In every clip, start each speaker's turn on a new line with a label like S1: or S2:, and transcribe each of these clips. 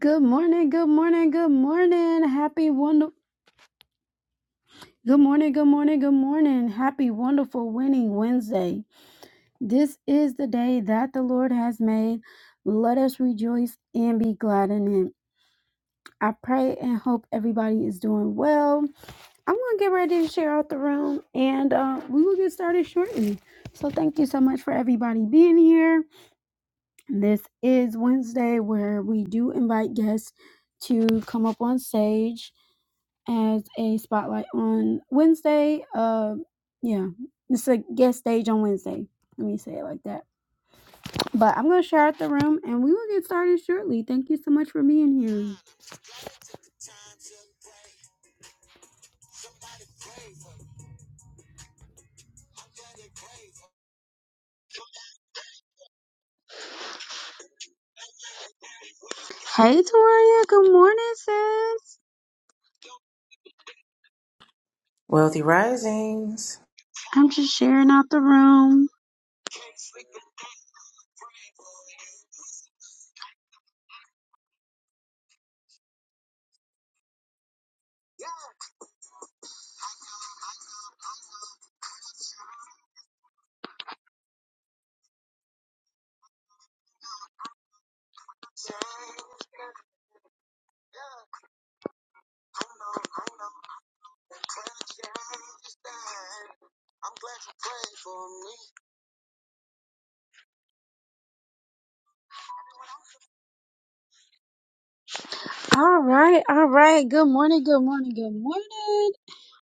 S1: Good morning, good morning, good morning. Happy wonder Good morning, good morning, good morning. Happy wonderful winning Wednesday. This is the day that the Lord has made. Let us rejoice and be glad in it. I pray and hope everybody is doing well. I'm going to get ready to share out the room and uh, we will get started shortly. So, thank you so much for everybody being here. This is Wednesday where we do invite guests to come up on stage as a spotlight on Wednesday. Uh, yeah, it's a guest stage on Wednesday. Let me say it like that. But I'm gonna share out the room, and we will get started shortly. Thank you so much for being here. Hey, Toria. Good morning, sis.
S2: Wealthy Risings.
S1: I'm just sharing out the room. All right, all right. Good morning, good morning, good morning.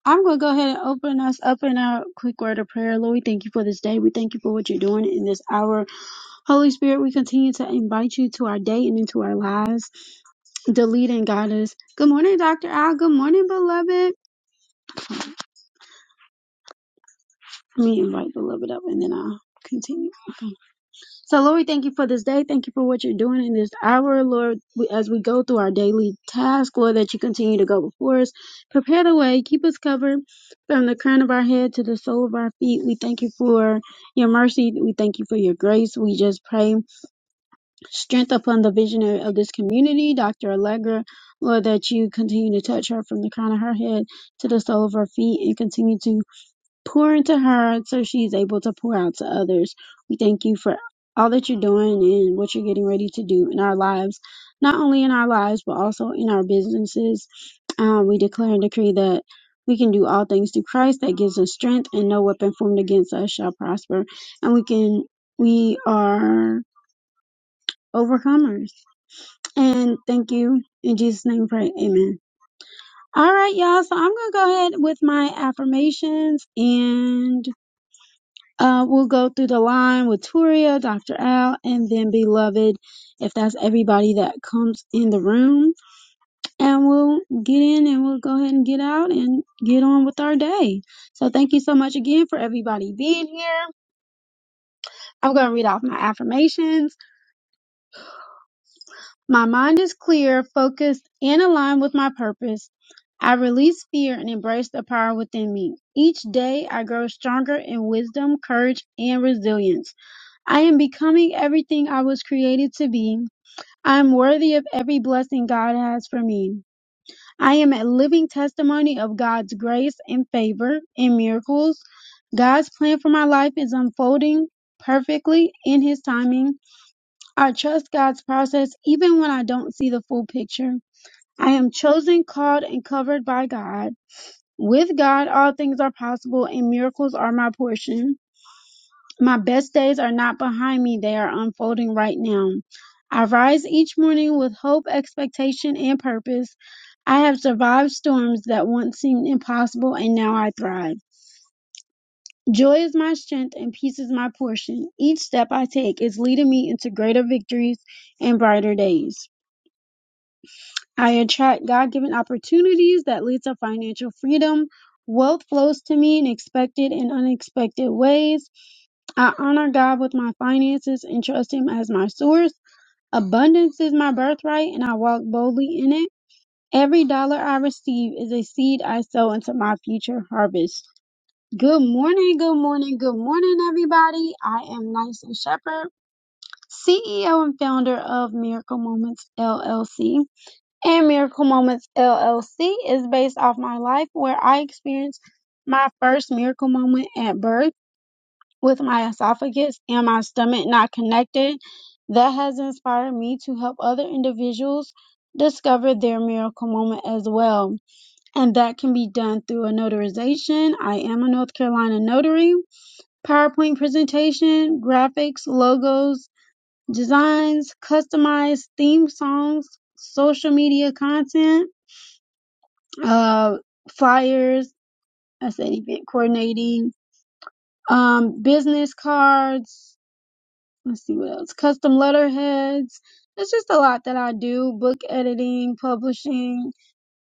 S1: I'm going to go ahead and open us up in a quick word of prayer. Lord, we thank you for this day. We thank you for what you're doing in this hour. Holy Spirit, we continue to invite you to our day and into our lives. The lead and guide us. Good morning, Dr. Al. Good morning, beloved. Let me invite beloved up and then I'll continue. So, Lord, we thank you for this day. Thank you for what you're doing in this hour, Lord. We, as we go through our daily task, Lord, that you continue to go before us. Prepare the way. Keep us covered from the crown of our head to the sole of our feet. We thank you for your mercy. We thank you for your grace. We just pray strength upon the visionary of this community, Dr. Allegra, Lord, that you continue to touch her from the crown of her head to the sole of her feet and continue to pour into her so she's able to pour out to others. We thank you for all that you're doing and what you're getting ready to do in our lives, not only in our lives, but also in our businesses. Um, we declare and decree that we can do all things through Christ that gives us strength, and no weapon formed against us shall prosper. And we can, we are overcomers. And thank you. In Jesus' name, we pray. Amen. All right, y'all. So I'm going to go ahead with my affirmations and Uh, we'll go through the line with Turia, Dr. Al, and then Beloved, if that's everybody that comes in the room. And we'll get in and we'll go ahead and get out and get on with our day. So thank you so much again for everybody being here. I'm going to read off my affirmations. My mind is clear, focused, and aligned with my purpose. I release fear and embrace the power within me. Each day I grow stronger in wisdom, courage, and resilience. I am becoming everything I was created to be. I am worthy of every blessing God has for me. I am a living testimony of God's grace and favor and miracles. God's plan for my life is unfolding perfectly in His timing. I trust God's process even when I don't see the full picture. I am chosen, called, and covered by God. With God, all things are possible and miracles are my portion. My best days are not behind me, they are unfolding right now. I rise each morning with hope, expectation, and purpose. I have survived storms that once seemed impossible, and now I thrive. Joy is my strength, and peace is my portion. Each step I take is leading me into greater victories and brighter days. I attract God given opportunities that lead to financial freedom. Wealth flows to me in expected and unexpected ways. I honor God with my finances and trust Him as my source. Abundance is my birthright, and I walk boldly in it. Every dollar I receive is a seed I sow into my future harvest. Good morning, good morning, good morning, everybody. I am Nyson Shepherd, CEO and founder of Miracle Moments LLC. And Miracle Moments LLC is based off my life where I experienced my first miracle moment at birth with my esophagus and my stomach not connected. That has inspired me to help other individuals discover their miracle moment as well. And that can be done through a notarization. I am a North Carolina notary, PowerPoint presentation, graphics, logos, designs, customized theme songs, social media content, uh, flyers, I said event coordinating, um, business cards, let's see what else custom letterheads it's just a lot that i do book editing publishing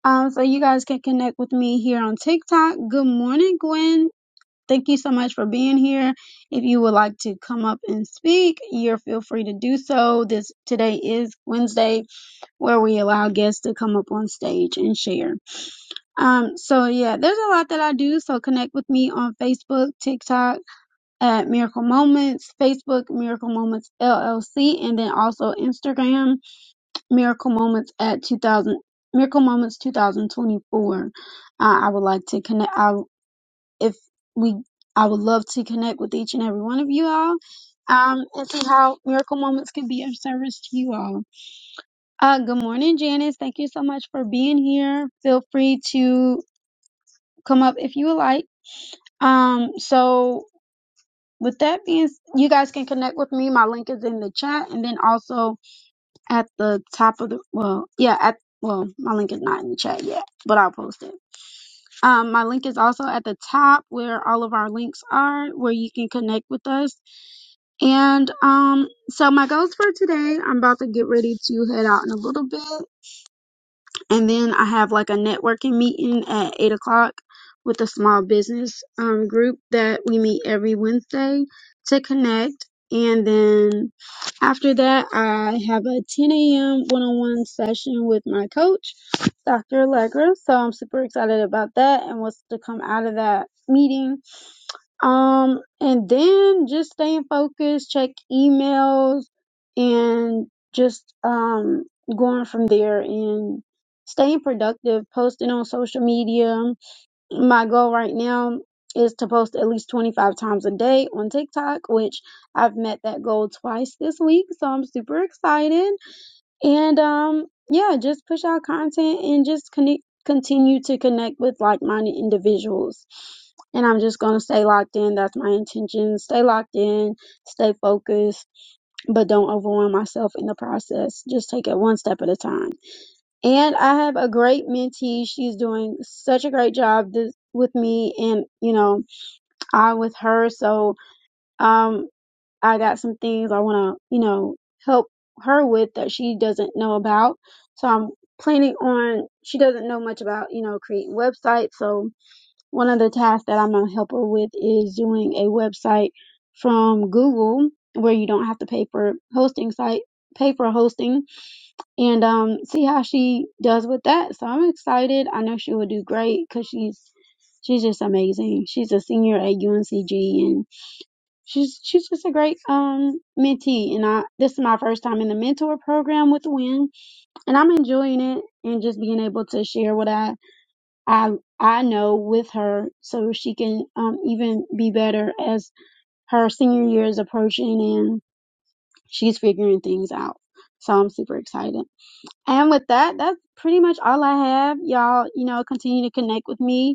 S1: um so you guys can connect with me here on tiktok good morning gwen thank you so much for being here if you would like to come up and speak you're feel free to do so this today is wednesday where we allow guests to come up on stage and share um so yeah there's a lot that i do so connect with me on facebook tiktok at Miracle Moments, Facebook, Miracle Moments LLC, and then also Instagram, Miracle Moments at 2000, Miracle Moments 2024. Uh, I would like to connect, I, if we, I would love to connect with each and every one of you all. Um, and see how Miracle Moments can be of service to you all. Uh, good morning, Janice. Thank you so much for being here. Feel free to come up if you would like. Um, so With that being, s- you guys can connect with me. My link is in the chat, and then also at the top of the well, yeah, at well, my link is not in the chat yet, but I'll post it. Um, my link is also at the top where all of our links are, where you can connect with us. And um, so my goals for today, I'm about to get ready to head out in a little bit and then I have like a networking meeting at eight o'clock with a small business um, group that we meet every Wednesday to connect. And then after that, I have a 10 a.m. one-on-one session with my coach, Dr. Allegra. So I'm super excited about that and what's to come out of that meeting. Um, and then just staying focused, check emails, and just um going from there and staying productive, posting on social media. My goal right now is to post at least 25 times a day on TikTok, which I've met that goal twice this week, so I'm super excited and um yeah just push out content and just connect continue to connect with like-minded individuals and i'm just going to stay locked in that's my intention stay locked in stay focused but don't overwhelm myself in the process just take it one step at a time and i have a great mentee she's doing such a great job this, with me and you know i with her so um I got some things I want to, you know, help her with that she doesn't know about. So I'm planning on, she doesn't know much about, you know, creating websites. So one of the tasks that I'm going to help her with is doing a website from Google where you don't have to pay for hosting site, pay for hosting and um, see how she does with that. So I'm excited. I know she will do great because she's, she's just amazing. She's a senior at UNCG and she's she's just a great um mentee and I this is my first time in the mentor program with Win and I'm enjoying it and just being able to share what I I I know with her so she can um even be better as her senior year is approaching and she's figuring things out. So I'm super excited. And with that, that's pretty much all I have. Y'all, you know, continue to connect with me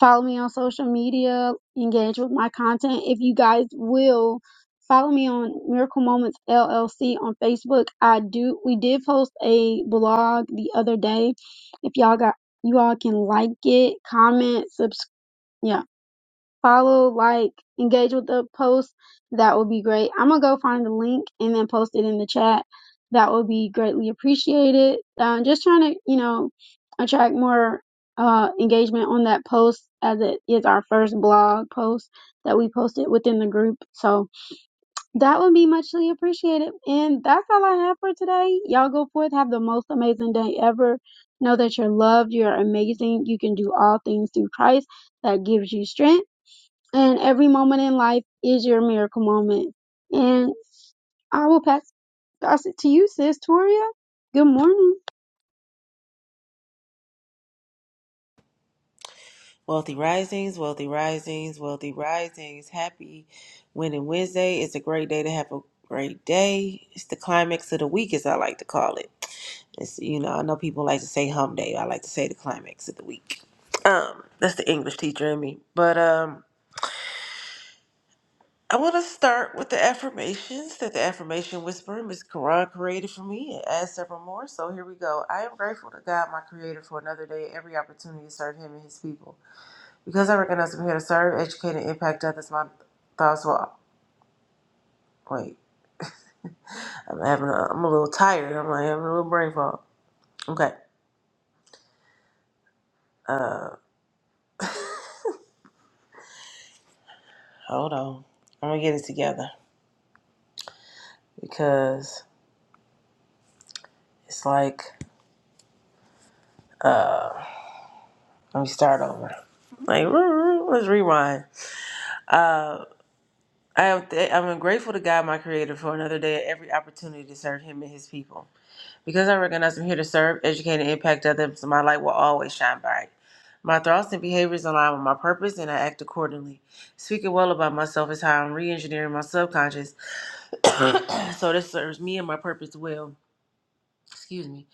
S1: follow me on social media, engage with my content. If you guys will follow me on Miracle Moments LLC on Facebook. I do we did post a blog the other day. If y'all got you all can like it, comment, subscribe. Yeah, follow, like, engage with the post, that would be great. I'm gonna go find the link and then post it in the chat. That would be greatly appreciated. Um, just trying to, you know, attract more uh, engagement on that post as it is our first blog post that we posted within the group. So that would be muchly appreciated. And that's all I have for today. Y'all go forth, have the most amazing day ever. Know that you're loved, you're amazing, you can do all things through Christ that gives you strength. And every moment in life is your miracle moment. And I will pass pass it to you, sis Toria. Good morning.
S2: Wealthy Risings, Wealthy Risings, Wealthy Risings. Happy Winning Wednesday. It's a great day to have a great day. It's the climax of the week, as I like to call it. It's, you know, I know people like to say hum day. I like to say the climax of the week. Um, that's the English teacher in me. But um, I want to start with the affirmations that the affirmation whisperer, Miss Quran, created for me and add several more. So here we go. I am grateful to God, my creator, for another day, every opportunity to serve him and his people. Because I recognize I'm here to serve, educate, and impact others, my thoughts will. Wait, I'm having a. I'm a little tired. I'm like having a little brain fog. Okay. Uh, hold on. I'm gonna get it together because it's like let me start over. Like let's rewind. I am. Th- I'm grateful to God, my Creator, for another day and every opportunity to serve Him and His people. Because I recognize I'm here to serve, educate, and impact others, my light will always shine bright. My thoughts and behaviors align with my purpose, and I act accordingly. Speaking well about myself is how I'm re engineering my subconscious so this serves me and my purpose well. Excuse me.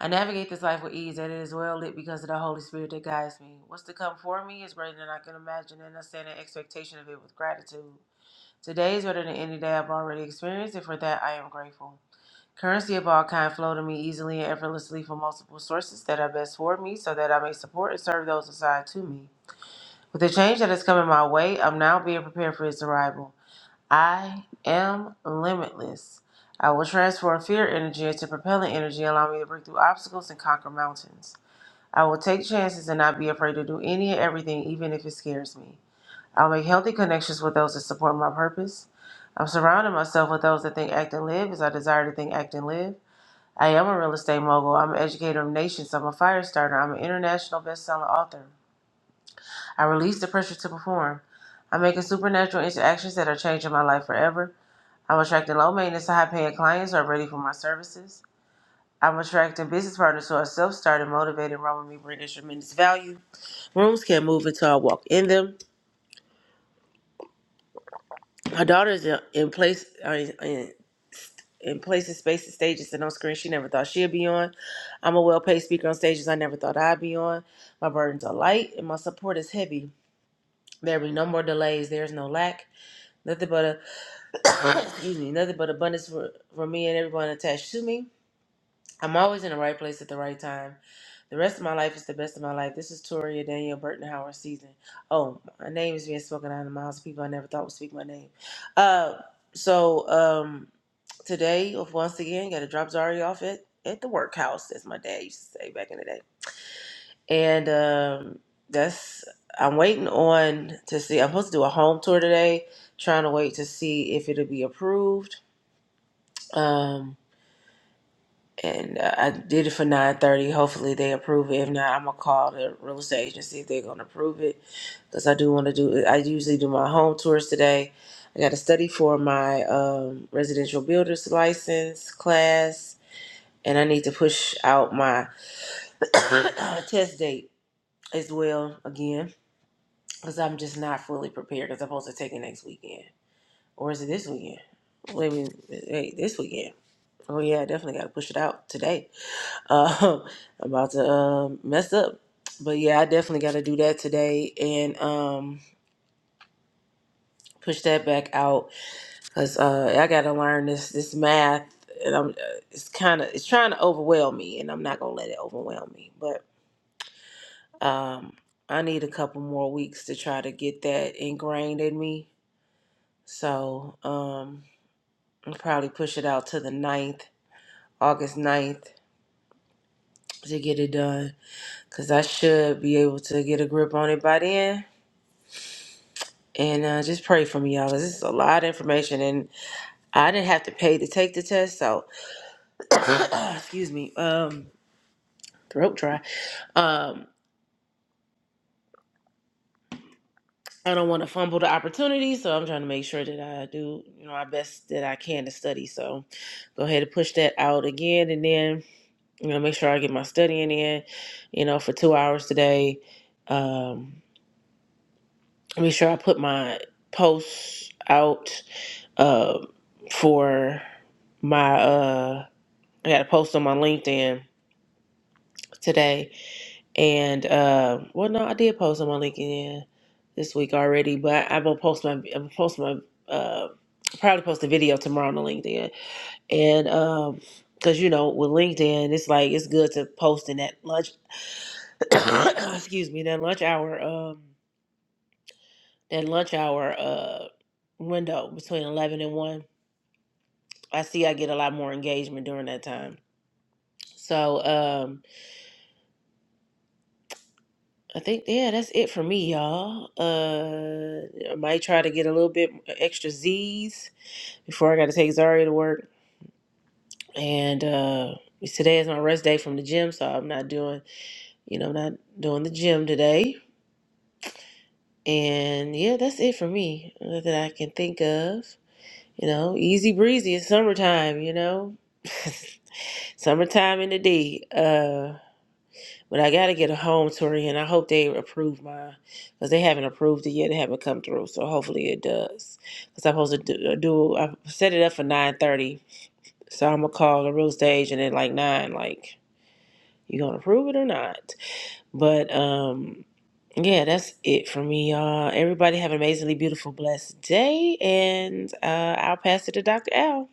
S2: I navigate this life with ease, and it is well lit because of the Holy Spirit that guides me. What's to come for me is greater than I can imagine, and I stand in expectation of it with gratitude. Today is better than any day I've already experienced, and for that I am grateful. Currency of all kind flow to me easily and effortlessly from multiple sources that are best for me so that I may support and serve those assigned to me. With the change that is coming my way, I'm now being prepared for its arrival. I am limitless. I will transform fear energy into propelling energy, allowing me to break through obstacles and conquer mountains. I will take chances and not be afraid to do any and everything, even if it scares me. I'll make healthy connections with those that support my purpose. I'm surrounding myself with those that think, act, and live as I desire to think, act, and live. I am a real estate mogul. I'm an educator of nations. I'm a fire starter. I'm an international best-selling author. I release the pressure to perform. I'm making supernatural interactions that are changing my life forever. I'm attracting low maintenance to high paying clients who are ready for my services. I'm attracting business partners who are self started, motivated, and run with me, bringing tremendous value. Rooms can't move until I walk in them. My daughter is in in place, uh, in, in places, spaces, stages, and on screen she never thought she'd be on. I'm a well paid speaker on stages I never thought I'd be on. My burdens are light and my support is heavy. There be no more delays. There's no lack. Nothing but a excuse me, nothing but abundance for, for me and everyone attached to me. I'm always in the right place at the right time. The rest of my life is the best of my life. This is Toria Danielle Burton Howard season. Oh, my name is being spoken out of the mouths of people I never thought would speak my name. Uh, so um, today, once again, got to drop Zari off at, at the workhouse, as my dad used to say back in the day. And um, that's I'm waiting on to see. I'm supposed to do a home tour today, trying to wait to see if it'll be approved. Um, and uh, I did it for nine thirty. Hopefully they approve it. If not, I'm gonna call the real estate agency if they're gonna approve it, because I do want to do. I usually do my home tours today. I got to study for my um, residential builder's license class, and I need to push out my test date as well again, because I'm just not fully prepared. Because I'm supposed to take it next weekend, or is it this weekend? Wait, a wait, this weekend. Oh yeah, I definitely got to push it out today Uh, I'm about to uh, mess up. But yeah, I definitely got to do that today and um, push that back out because uh, I got to learn this this math. And I'm, uh, it's kind of it's trying to overwhelm me, and I'm not gonna let it overwhelm me. But um, I need a couple more weeks to try to get that ingrained in me. So um, I'll probably push it out to the ninth, August ninth to get it done because I should be able to get a grip on it by then And uh, just pray for me, y'all, 'cause this is a lot of information, and I didn't have to pay to take the test, so excuse me, um, throat dry. Um, I don't want to fumble the opportunity, so I'm trying to make sure that I do, you know, my best that I can to study. So, go ahead and push that out again, and then you know, make sure I get my studying in, you know, for two hours today. Um, make sure I put my posts out uh, for my uh I got to post on my LinkedIn today. And uh, well, no, I did post on my LinkedIn this week already, but I will post my i will post my uh, probably post a video tomorrow on the LinkedIn. And um, because you know with LinkedIn, it's like it's good to post in that lunch. excuse me, that lunch hour. Um, that lunch hour uh window between eleven and one. I see I get a lot more engagement during that time. So. um I think yeah, that's it for me, y'all. Uh, I might try to get a little bit extra Z's before I got to take Zaria to work. And uh, today is my rest day from the gym, so I'm not doing, you know, not doing the gym today. And yeah, that's it for me uh, that I can think of. You know, easy breezy. It's summertime. You know, summertime in the D. uh, But I gotta get a home tour and I hope they approve mine because they haven't approved it yet. It haven't come through, so hopefully it does. Because I'm supposed to do, uh, do I set it up for nine thirty, so I'm gonna call the real stage and then like nine, like you gonna approve it or not? But um, yeah, that's it for me, y'all. Everybody have an amazingly beautiful, blessed day, and uh, I'll pass it to Dr. Al.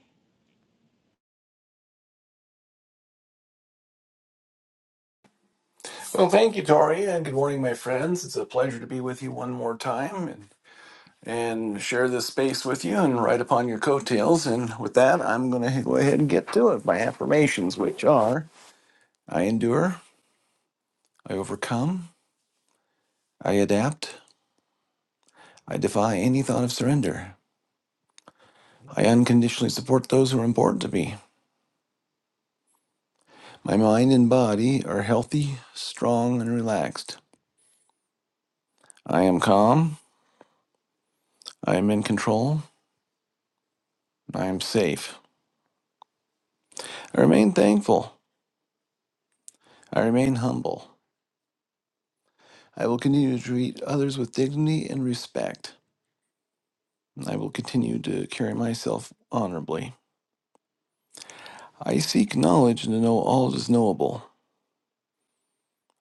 S3: Well, thank you, Tori, and good morning, my friends. It's a pleasure to be with you one more time and, and share this space with you and ride upon your coattails. And with that, I'm going to go ahead and get to it. My affirmations, which are I endure, I overcome, I adapt, I defy any thought of surrender, I unconditionally support those who are important to me. My mind and body are healthy, strong, and relaxed. I am calm, I am in control, I am safe. I remain thankful, I remain humble. I will continue to treat others with dignity and respect. I will continue to carry myself honorably. I seek knowledge and to know all that is knowable.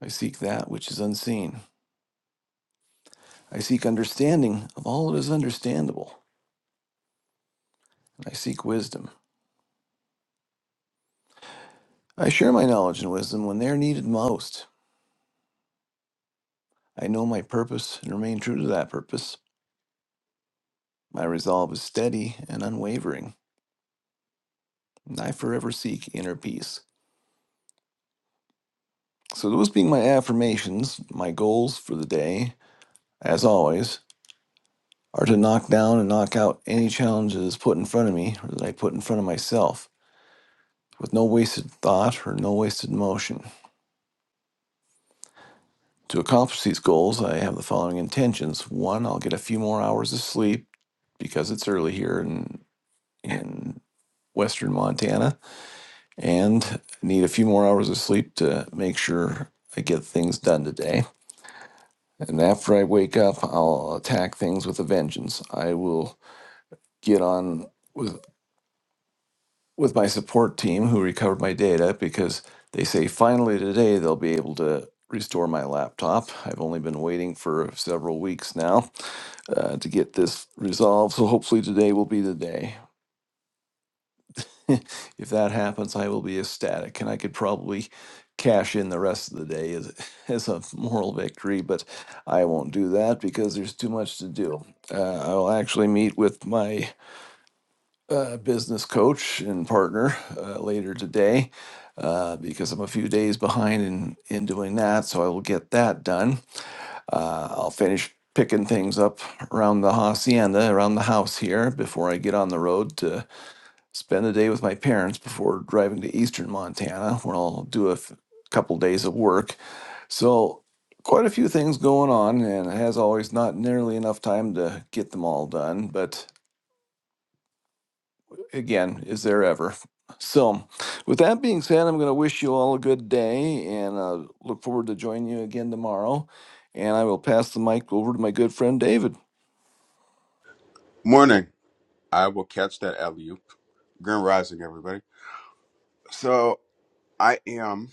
S3: I seek that which is unseen. I seek understanding of all that is understandable. I seek wisdom. I share my knowledge and wisdom when they are needed most. I know my purpose and remain true to that purpose. My resolve is steady and unwavering, and I forever seek inner peace. So, those being my affirmations, my goals for the day, as always, are to knock down and knock out any challenges put in front of me or that I put in front of myself with no wasted thought or no wasted motion. To accomplish these goals, I have the following intentions. One, I'll get a few more hours of sleep because it's early here in, in Western Montana and I need a few more hours of sleep to make sure I get things done today. And after I wake up, I'll attack things with a vengeance. I will get on with. with my support team who recovered my data because they say finally today they'll be able to restore my laptop. I've only been waiting for several weeks now uh, to get this resolved, so hopefully today will be the day. if that happens, I will be ecstatic, and I could probably cash in the rest of the day as, as a moral victory, but I won't do that because there's too much to do. Uh, I'll actually meet with my uh, business coach and partner uh, later today uh, because I'm a few days behind in, in doing that. So I will get that done. Uh, I'll finish picking things up around the hacienda, around the house here before I get on the road to spend the day with my parents before driving to eastern Montana, where I'll do a f- couple days of work. So quite a few things going on and as always not nearly enough time to get them all done but again, is there ever. So, with that being said, I'm going to wish you all a good day and uh, look forward to joining you again tomorrow. And I will pass the mic over to my good friend David.
S4: Morning. I will catch that alley oop. Grand rising, everybody. So I am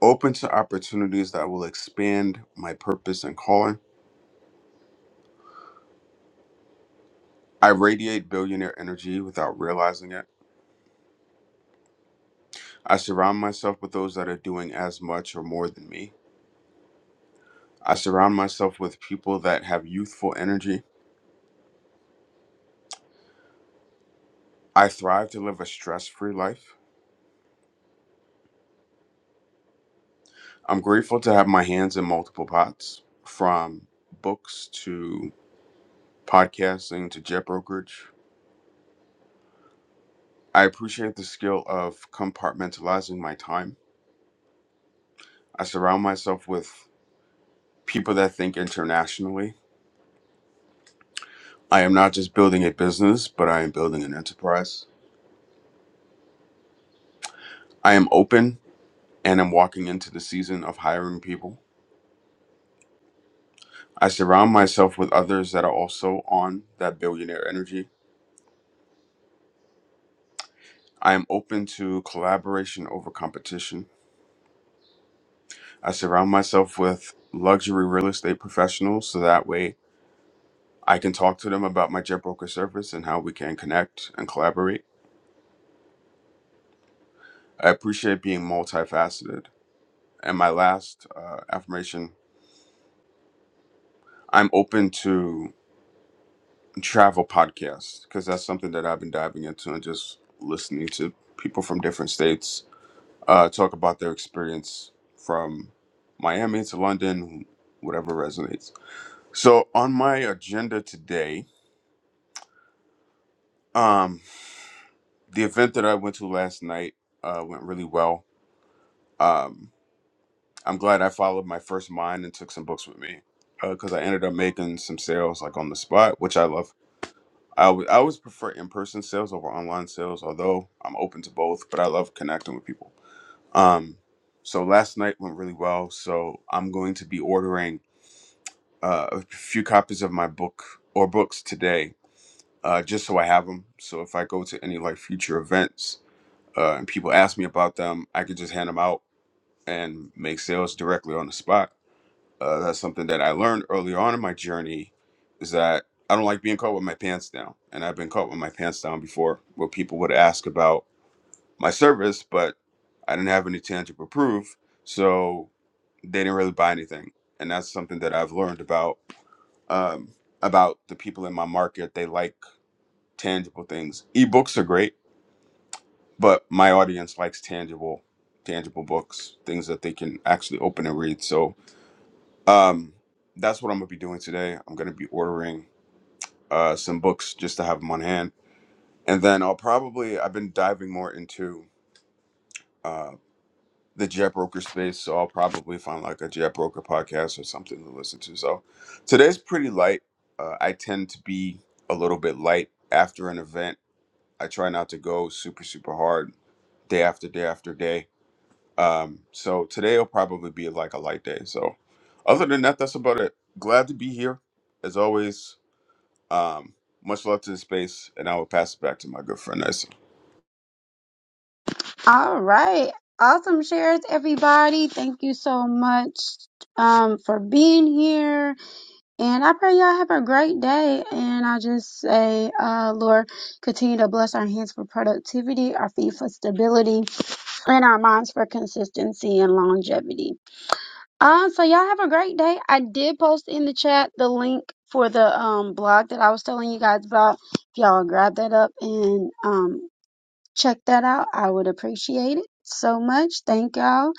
S4: open to opportunities that will expand my purpose and calling. I radiate billionaire energy without realizing it. I surround myself with those that are doing as much or more than me. I surround myself with people that have youthful energy. I thrive to live a stress free life. I'm grateful to have my hands in multiple pots from books to podcasting to jet brokerage. I appreciate the skill of compartmentalizing my time. I surround myself with people that think internationally. I am not just building a business, but I am building an enterprise. I am open and am walking into the season of hiring people. I surround myself with others that are also on that billionaire energy. I am open to collaboration over competition. I surround myself with luxury real estate professionals so that way I can talk to them about my jet broker service and how we can connect and collaborate. I appreciate being multifaceted. And my last uh, affirmation I'm open to travel podcasts because that's something that I've been diving into and just listening to people from different states uh, talk about their experience from Miami to London, whatever resonates. So, on my agenda today, um, the event that I went to last night uh, went really well. Um, I'm glad I followed my first mind and took some books with me because I ended up making some sales like on the spot, which I love. I alwa- I always prefer in person sales over online sales, although I'm open to both, but I love connecting with people. Um, so last night went really well. So I'm going to be ordering uh, a few copies of my book or books today uh, just so I have them. So if I go to any like future events uh, and people ask me about them, I can just hand them out and make sales directly on the spot Uh, that's something that I learned earlier on in my journey is that I don't like being caught with my pants down. And I've been caught with my pants down before where people would ask about my service, but I didn't have any tangible proof. So they didn't really buy anything. And that's something that I've learned about um, about the people in my market. They like tangible things. Ebooks are great, but my audience likes tangible, tangible books, things that they can actually open and read. So Um, that's what I'm gonna be doing today. I'm gonna be ordering uh, some books just to have them on hand, and then I'll probably I've been diving more into uh, the jet broker space, so I'll probably find like a jet broker podcast or something to listen to. So today's pretty light. Uh, I tend to be a little bit light after an event. I try not to go super super hard day after day after day. Um, so today will probably be like a light day. So other than that, that's about it. Glad to be here as always Um, much love to the space, and I will pass it back to my good friend Nessa.
S1: All right. Awesome shares, everybody. Thank you so much um, for being here. And I pray y'all have a great day. And I just say, uh, Lord, continue to bless our hands for productivity, our feet for stability, and our minds for consistency and longevity. Um. so y'all have a great day. I did post in the chat the link for the um blog that I was telling you guys about. If y'all grab that up and um check that out, I would appreciate it so much. Thank y'all.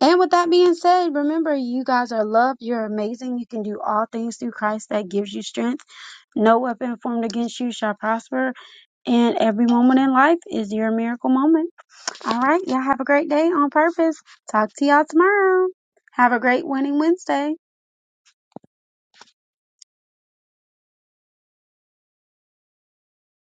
S1: And with that being said, remember you guys are loved. You're amazing. You can do all things through Christ that gives you strength. No weapon formed against you shall prosper. And every moment in life is your miracle moment. All right, y'all have a great day on purpose. Talk to y'all tomorrow. Have a great winning Wednesday.